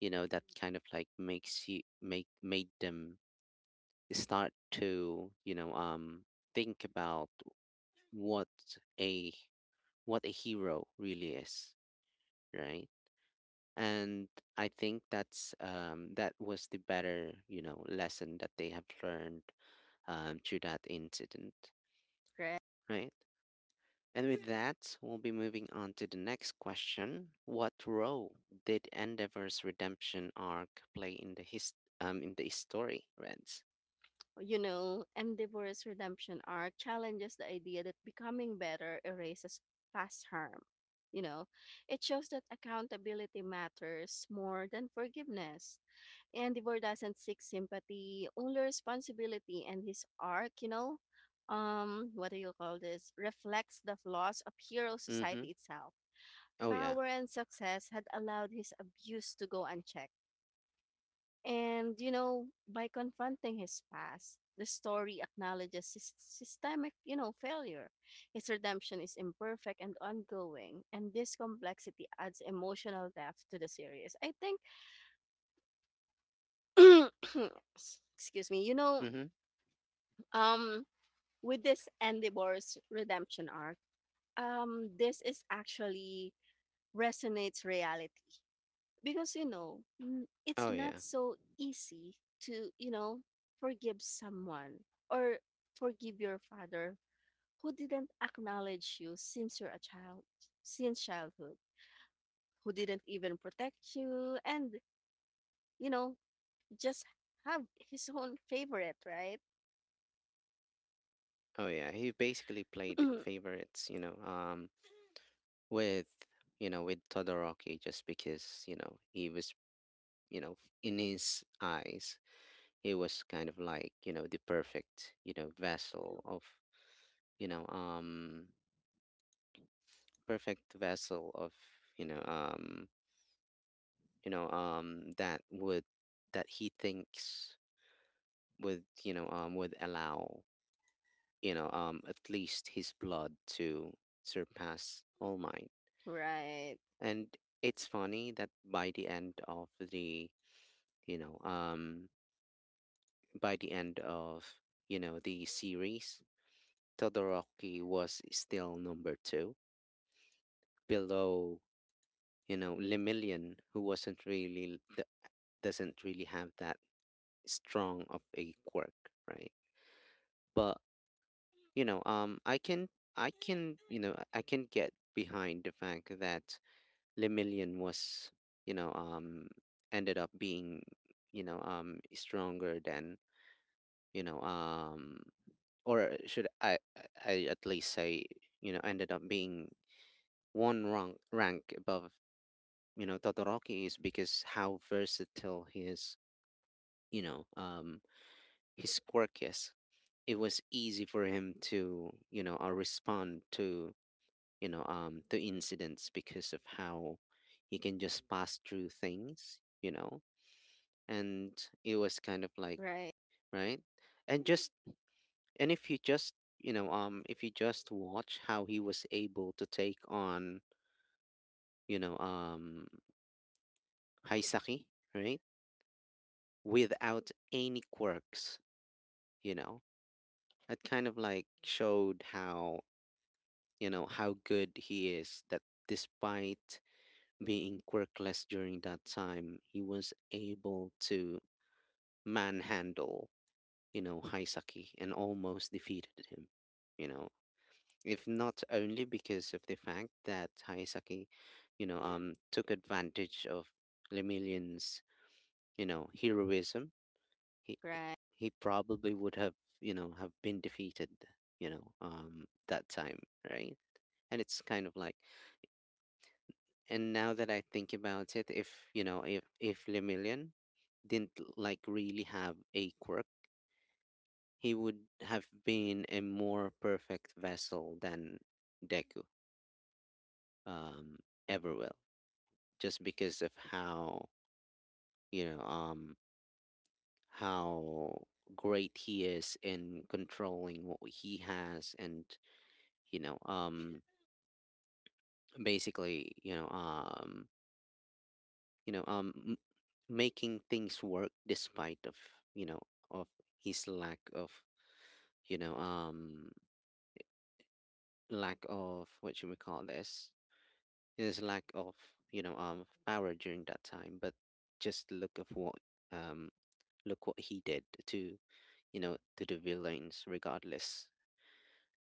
Speaker 1: you know that kind of like makes you make made them start to, you know um think about what a what a hero really is, right. And I think that's um that was the better, you know lesson that they have learned, um through that incident,
Speaker 2: right.
Speaker 1: right. And with that, we'll be moving on to the next question. What role did Endeavor's redemption arc play in the his um in the story, Reds?
Speaker 2: You know, Endeavor's redemption arc challenges the idea that becoming better erases past harm. You know, it shows that accountability matters more than forgiveness. Endeavor doesn't seek sympathy, only responsibility, and his arc, you know, um, what do you call this? Reflects the flaws of hero
Speaker 1: Mm-hmm.
Speaker 2: society itself.
Speaker 1: Oh yeah.
Speaker 2: Power and success had allowed his abuse to go unchecked. And, you know, by confronting his past, the story acknowledges sys- systemic, you know, failure. His redemption is imperfect and ongoing, and this complexity adds emotional depth to the series. I think, excuse me, you know,
Speaker 1: Mm-hmm.
Speaker 2: um, with this Endeavor's redemption arc, um, this is actually resonates reality, because you know n- it's
Speaker 1: Oh
Speaker 2: not
Speaker 1: yeah.
Speaker 2: so easy to, you know, forgive someone, or forgive your father who didn't acknowledge you since you're a child, since childhood, who didn't even protect you, and you know, just have his own favorite, right?
Speaker 1: Oh yeah. He basically played favorites, you know, um, with, you know with Todoroki, just because, you know he was, you know, in his eyes, he was kind of like, you know, the perfect, you know, vessel of, you know, um, perfect vessel of, you know, um, you know, um, that would, that he thinks would, you know, um, would allow, you know, um, at least his blood to surpass All Mine.
Speaker 2: Right,
Speaker 1: And it's funny that by the end of the, you know, um, by the end of, you know, the series, Todoroki was still number two, below, you know, Lemillion, who wasn't really d- doesn't really have that strong of a quirk, right? But, you know, um, I can, I can you know I can get behind the fact that Lemillion was, you know um ended up being, you know um stronger than, you know um or should I I I at least say, you know ended up being one rank rank above, you know Todoroki, is because how versatile his, you know um his quirk is. It was easy for him to, you know uh, respond to, you know um to incidents, because of how he can just pass through things, you know, and it was kind of like,
Speaker 2: right,
Speaker 1: right. And just, and if you just, you know um if you just watch how he was able to take on, you know um Haisaki, right, without any quirks, you know, that kind of like showed how, you know how good he is, that despite being quirkless during that time, he was able to manhandle, you know Haisaki, and almost defeated him, you know, if not only because of the fact that Haisaki, you know um took advantage of Lemillion's, you know heroism, he he
Speaker 2: right,
Speaker 1: he probably would have, you know have been defeated, you know um that time, right. And it's kind of like, and now that I think about it, if, you know if if Lemillion didn't like really have a quirk, he would have been a more perfect vessel than Deku, um, ever will, just because of how, you know um how great he is in controlling what he has, and, you know um basically, you know um you know um m- making things work despite of, you know, of his lack of, you know um lack of what should we call this, his lack of, you know um power during that time, but just look of what, um look what he did to, you know to the villains regardless.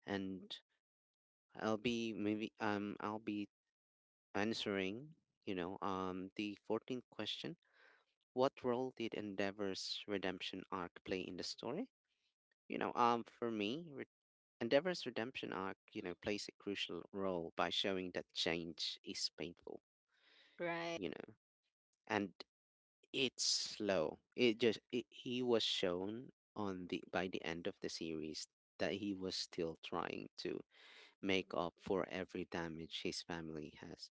Speaker 1: And I'll be maybe, um I'll be answering, you know um the fourteenth question. What role did Endeavor's redemption arc play in the story? You know, um, for me, re- Endeavor's redemption arc, you know, plays a crucial role by showing that change is painful,
Speaker 2: right.
Speaker 1: you know, and it's slow. It just it, he was shown on the by the end of the series that he was still trying to make up for every damage his family has,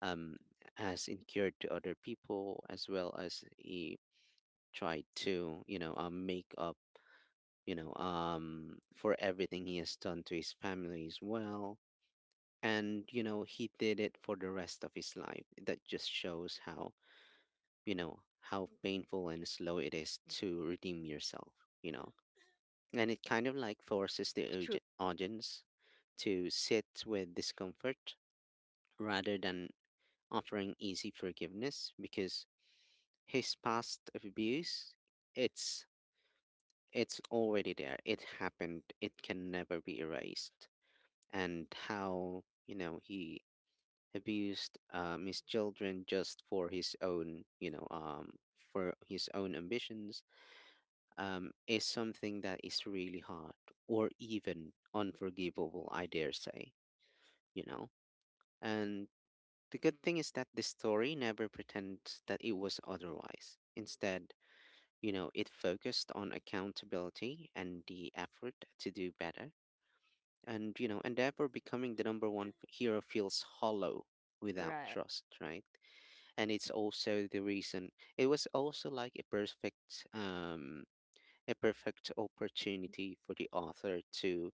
Speaker 1: um has incurred to other people, as well as he tried to, you know um, make up, you know, um, for everything he has done to his family as well. And, you know, he did it for the rest of his life. That just shows how, you know, how painful and slow it is to redeem yourself, you know. And it kind of like forces the
Speaker 2: True.
Speaker 1: auge- audience to sit with discomfort rather than offering easy forgiveness, because his past abuse, it's it's already there. It happened. It can never be erased. And how, you know he abused, um, his children just for his own, you know um, for his own ambitions, um, is something that is really hard, or even unforgivable, I dare say, you know. And the good thing is that the story never pretends that it was otherwise. Instead, you know, it focused on accountability and the effort to do better. And, you know, and therefore, becoming the number one f- hero feels hollow without
Speaker 2: Right.
Speaker 1: trust, right. And it's also the reason, it was also like a perfect um a perfect opportunity for the author to,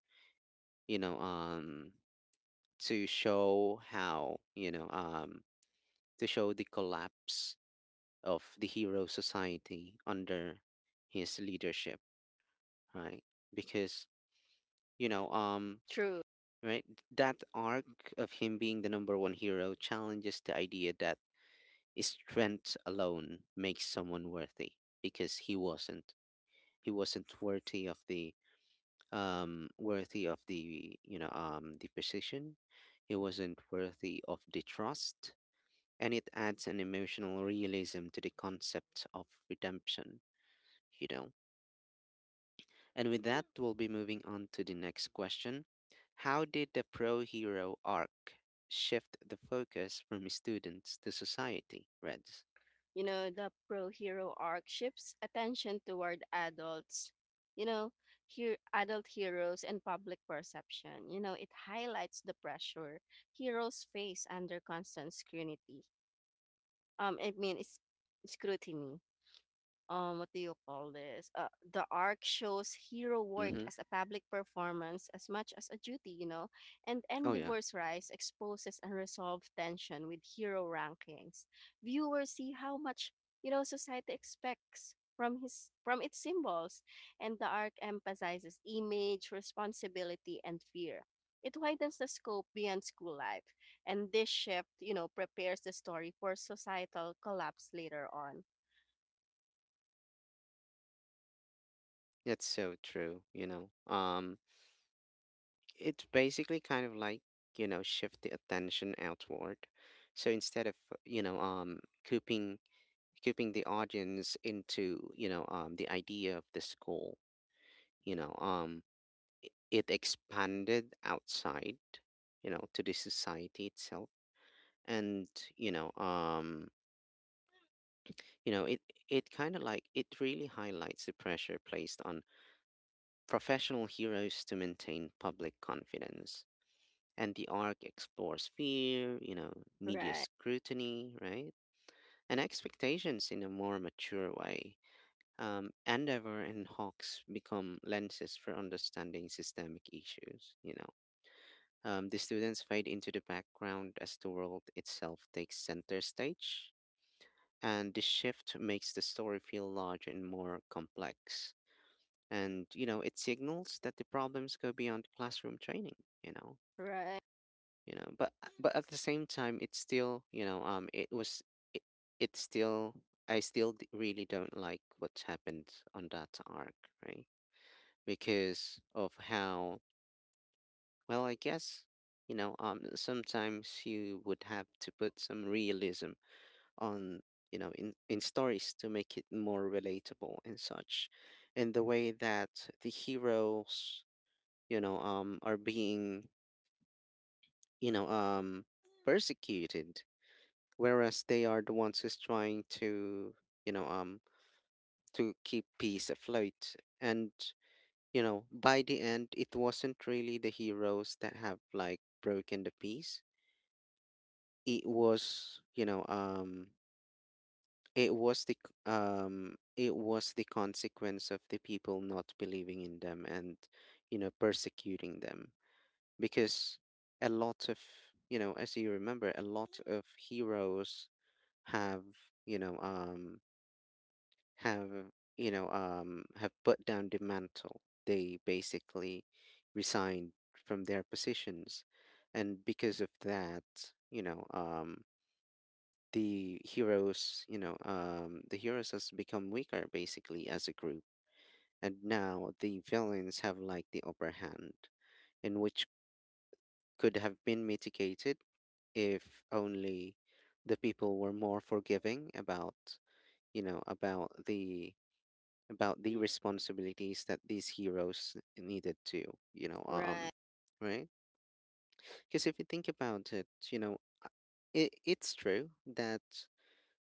Speaker 1: you know um to show how, you know um to show the collapse of the hero society under his leadership, right? Because, you know um
Speaker 2: True.
Speaker 1: right? That arc of him being the number one hero challenges the idea that strength alone makes someone worthy, because he wasn't. He wasn't worthy of the, um worthy of the, you know um the position. He wasn't worthy of the trust. And it adds an emotional realism to the concept of redemption, you know. And with that, we'll be moving on to the next question. How did the pro hero arc shift the focus from students to society, Reds?
Speaker 2: You know, the pro hero arc shifts attention toward adults, you know, here adult heroes and public perception. You know, it highlights the pressure heroes face under constant scrutiny. Um, I mean, it's scrutiny. Um, what do you call this, uh, the arc shows hero work
Speaker 1: Mm-hmm.
Speaker 2: as a public performance as much as a duty, you know. And
Speaker 1: Oh, yeah.
Speaker 2: Endeavor's rise exposes unresolved tension with hero rankings. Viewers see how much, you know, society expects from his, from its symbols, and the arc emphasizes image, responsibility, and fear. It widens the scope beyond school life, and this shift, you know, prepares the story for societal collapse later on.
Speaker 1: That's so true, you know. Um, it's basically kind of like, you know, shift the attention outward. So instead of, you know, um, cooping, cooping the audience into, you know, um, the idea of the school, you know, um, it expanded outside, you know to the society itself. And, you know um you know it it kind of like, it really highlights the pressure placed on professional heroes to maintain public confidence, and the arc explores fear, you know, media
Speaker 2: Right,
Speaker 1: scrutiny, right, and expectations in a more mature way. um, Endeavor and Hawks become lenses for understanding systemic issues, you know. Um, the students fade into the background as the world itself takes center stage, and this shift makes the story feel large and more complex. And, you know, it signals that the problems go beyond classroom training. You know,
Speaker 2: right.
Speaker 1: you know, but but at the same time, it's still, you know, um, it was it, it's still, I still d- really don't like what's happened on that arc, right? Because of how, well, I guess, you know, um, sometimes you would have to put some realism on, you know, in, in stories to make it more relatable and such. And the way that the heroes, you know, um, are being, you know, um, persecuted, whereas they are the ones who's trying to, you know, um, to keep peace afloat. And, you know, by the end, it wasn't really the heroes that have like broken the peace, it was you know um it was the c- um it was the consequence of the people not believing in them, and, you know persecuting them, because a lot of, you know, as you remember, a lot of heroes have, you know um have, you know um have put down the mantle. They basically resigned from their positions. And because of that, you know um the heroes, you know, um, the heroes has become weaker basically as a group, and now the villains have like the upper hand, in which could have been mitigated if only the people were more forgiving about, you know, about the about the responsibilities that these heroes needed to, you know, um,
Speaker 2: Right,
Speaker 1: right? Because if you think about it, you know, uh, it, it's true that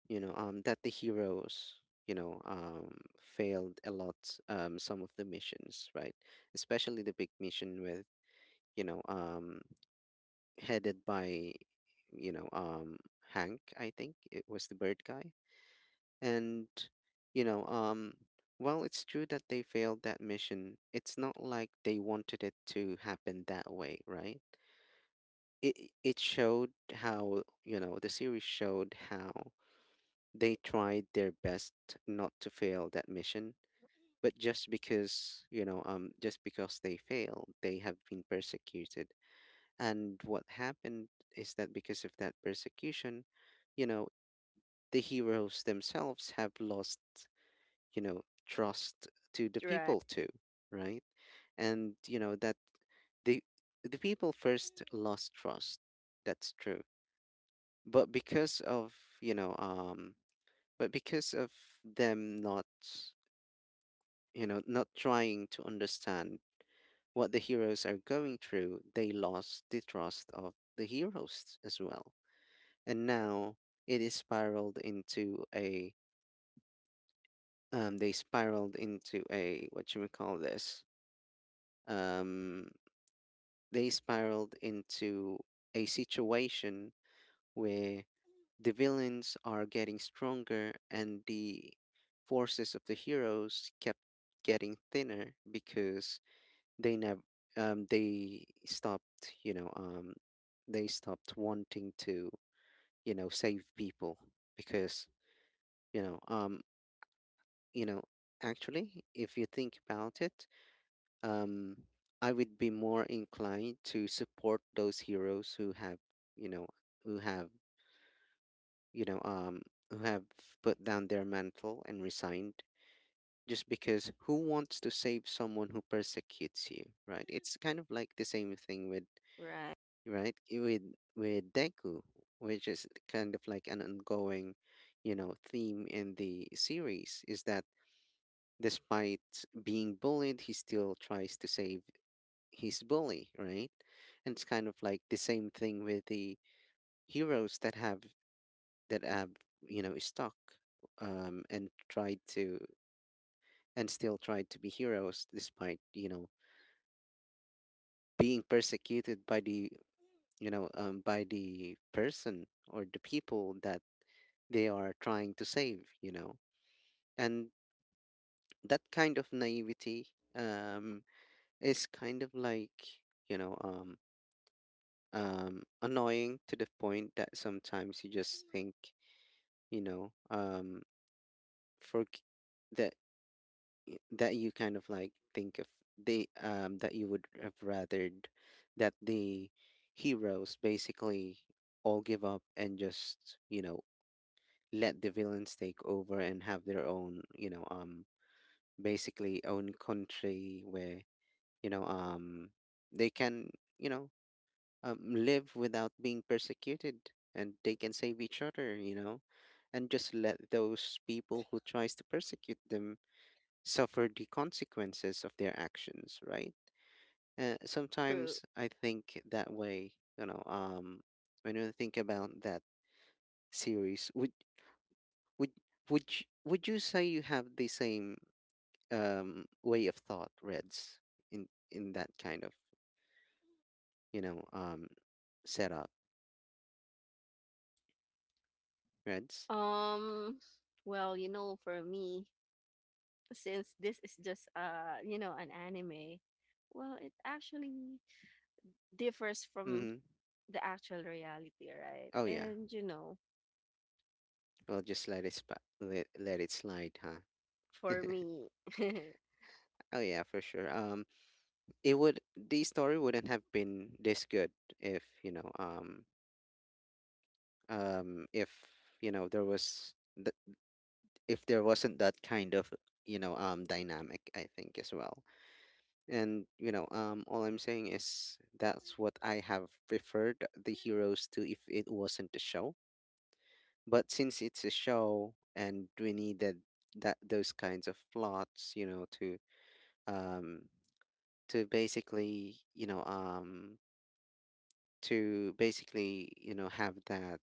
Speaker 1: you know um that the heroes you know um failed a lot um some of the missions, right? Especially the big mission with, you know um headed by, you know um Hank, I think it was the bird guy. And you know um while it's true that they failed that mission, it's not like they wanted it to happen that way, right? It it showed how, you know the series showed how they tried their best not to fail that mission, but just because, you know, um, just because they failed, they have been persecuted. And what happened is that because of that persecution, you know, the heroes themselves have lost, you know, trust to the
Speaker 2: right,
Speaker 1: people too, right? And, you know, that the the people first lost trust. That's true. But because of, you know, um, but because of them not, you know, not trying to understand what the heroes are going through, they lost the trust of the heroes as well. And now it is spiraled into a— um they spiraled into a— what you would call this? Um they spiraled into a situation where the villains are getting stronger and the forces of the heroes kept getting thinner because they never— um they stopped, you know um they stopped wanting to, you know save people. Because you know um you know actually if you think about it, um I would be more inclined to support those heroes who have— you know who have— you know um who have put down their mantle and resigned. Just because, who wants to save someone who persecutes you, right? It's kind of like the same thing with—
Speaker 2: right.
Speaker 1: right? i- With with Deku, which is kind of like an ongoing, you know, theme in the series, is that despite being bullied, he still tries to save his bully, right? And it's kind of like the same thing with the heroes that have— that have you know, stuck, um, and tried to— and still tried to be heroes despite, you know, being persecuted by the— you know um by the person or the people that they are trying to save, you know. And that kind of naivety, um, is kind of like, you know, um, um, annoying to the point that sometimes you just think, you know, um, for that— that you kind of like think of, they um, that you would have rathered that the heroes basically all give up and just, you know, let the villains take over and have their own, you know um basically own country where, you know um they can, you know, um, live without being persecuted, and they can save each other, you know, and just let those people who tries to persecute them suffer the consequences of their actions, right? Uh,
Speaker 2: True.
Speaker 1: sometimes I think that way, you know um when you think about that series. Would— would— would you, would you say you have the same, um, way of thought, Reds, in in that kind of, you know um, setup, Reds?
Speaker 2: Um, well, you know, for me, since this is just uh, you know, an anime, well, it actually differs from
Speaker 1: Mm-hmm.
Speaker 2: the actual reality, right?
Speaker 1: Oh yeah,
Speaker 2: And you know,
Speaker 1: well just let it spa- let, let it slide, huh?
Speaker 2: for me,
Speaker 1: Oh yeah, for sure. Um, it would— the story wouldn't have been this good if, you know um um if, you know there was th- if there wasn't that kind of, you know um dynamic, I think, as well. And you know, um, all I'm saying is that's what I have preferred the heroes to if it wasn't a show. But since it's a show and we needed that— those kinds of plots, you know, to um, to basically, you know, um to basically, you know, have that,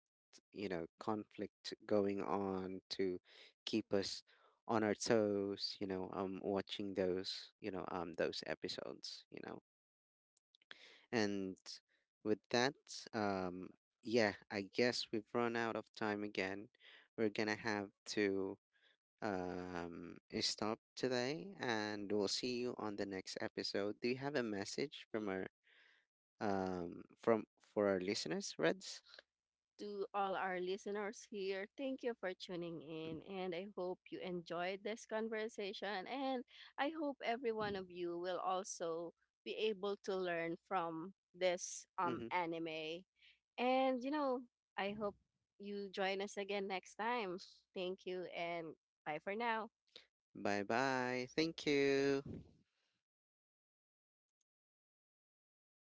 Speaker 1: you know, conflict going on to keep us on our toes, you know, um, watching those, you know, um, those episodes, you know. And with that, um, yeah, I guess we've run out of time again. We're gonna have to, um, stop today, and we'll see you on the next episode. Do you have a message from our, um, from— for our listeners, Reds?
Speaker 2: to all our listeners here. Thank you for tuning in, and I hope you enjoyed this conversation. And I hope every one of you will also be able to learn from this um,
Speaker 1: Mm-hmm.
Speaker 2: anime. And, you know, I hope you join us again next time. Thank you, and bye for now.
Speaker 1: Bye bye. Thank you.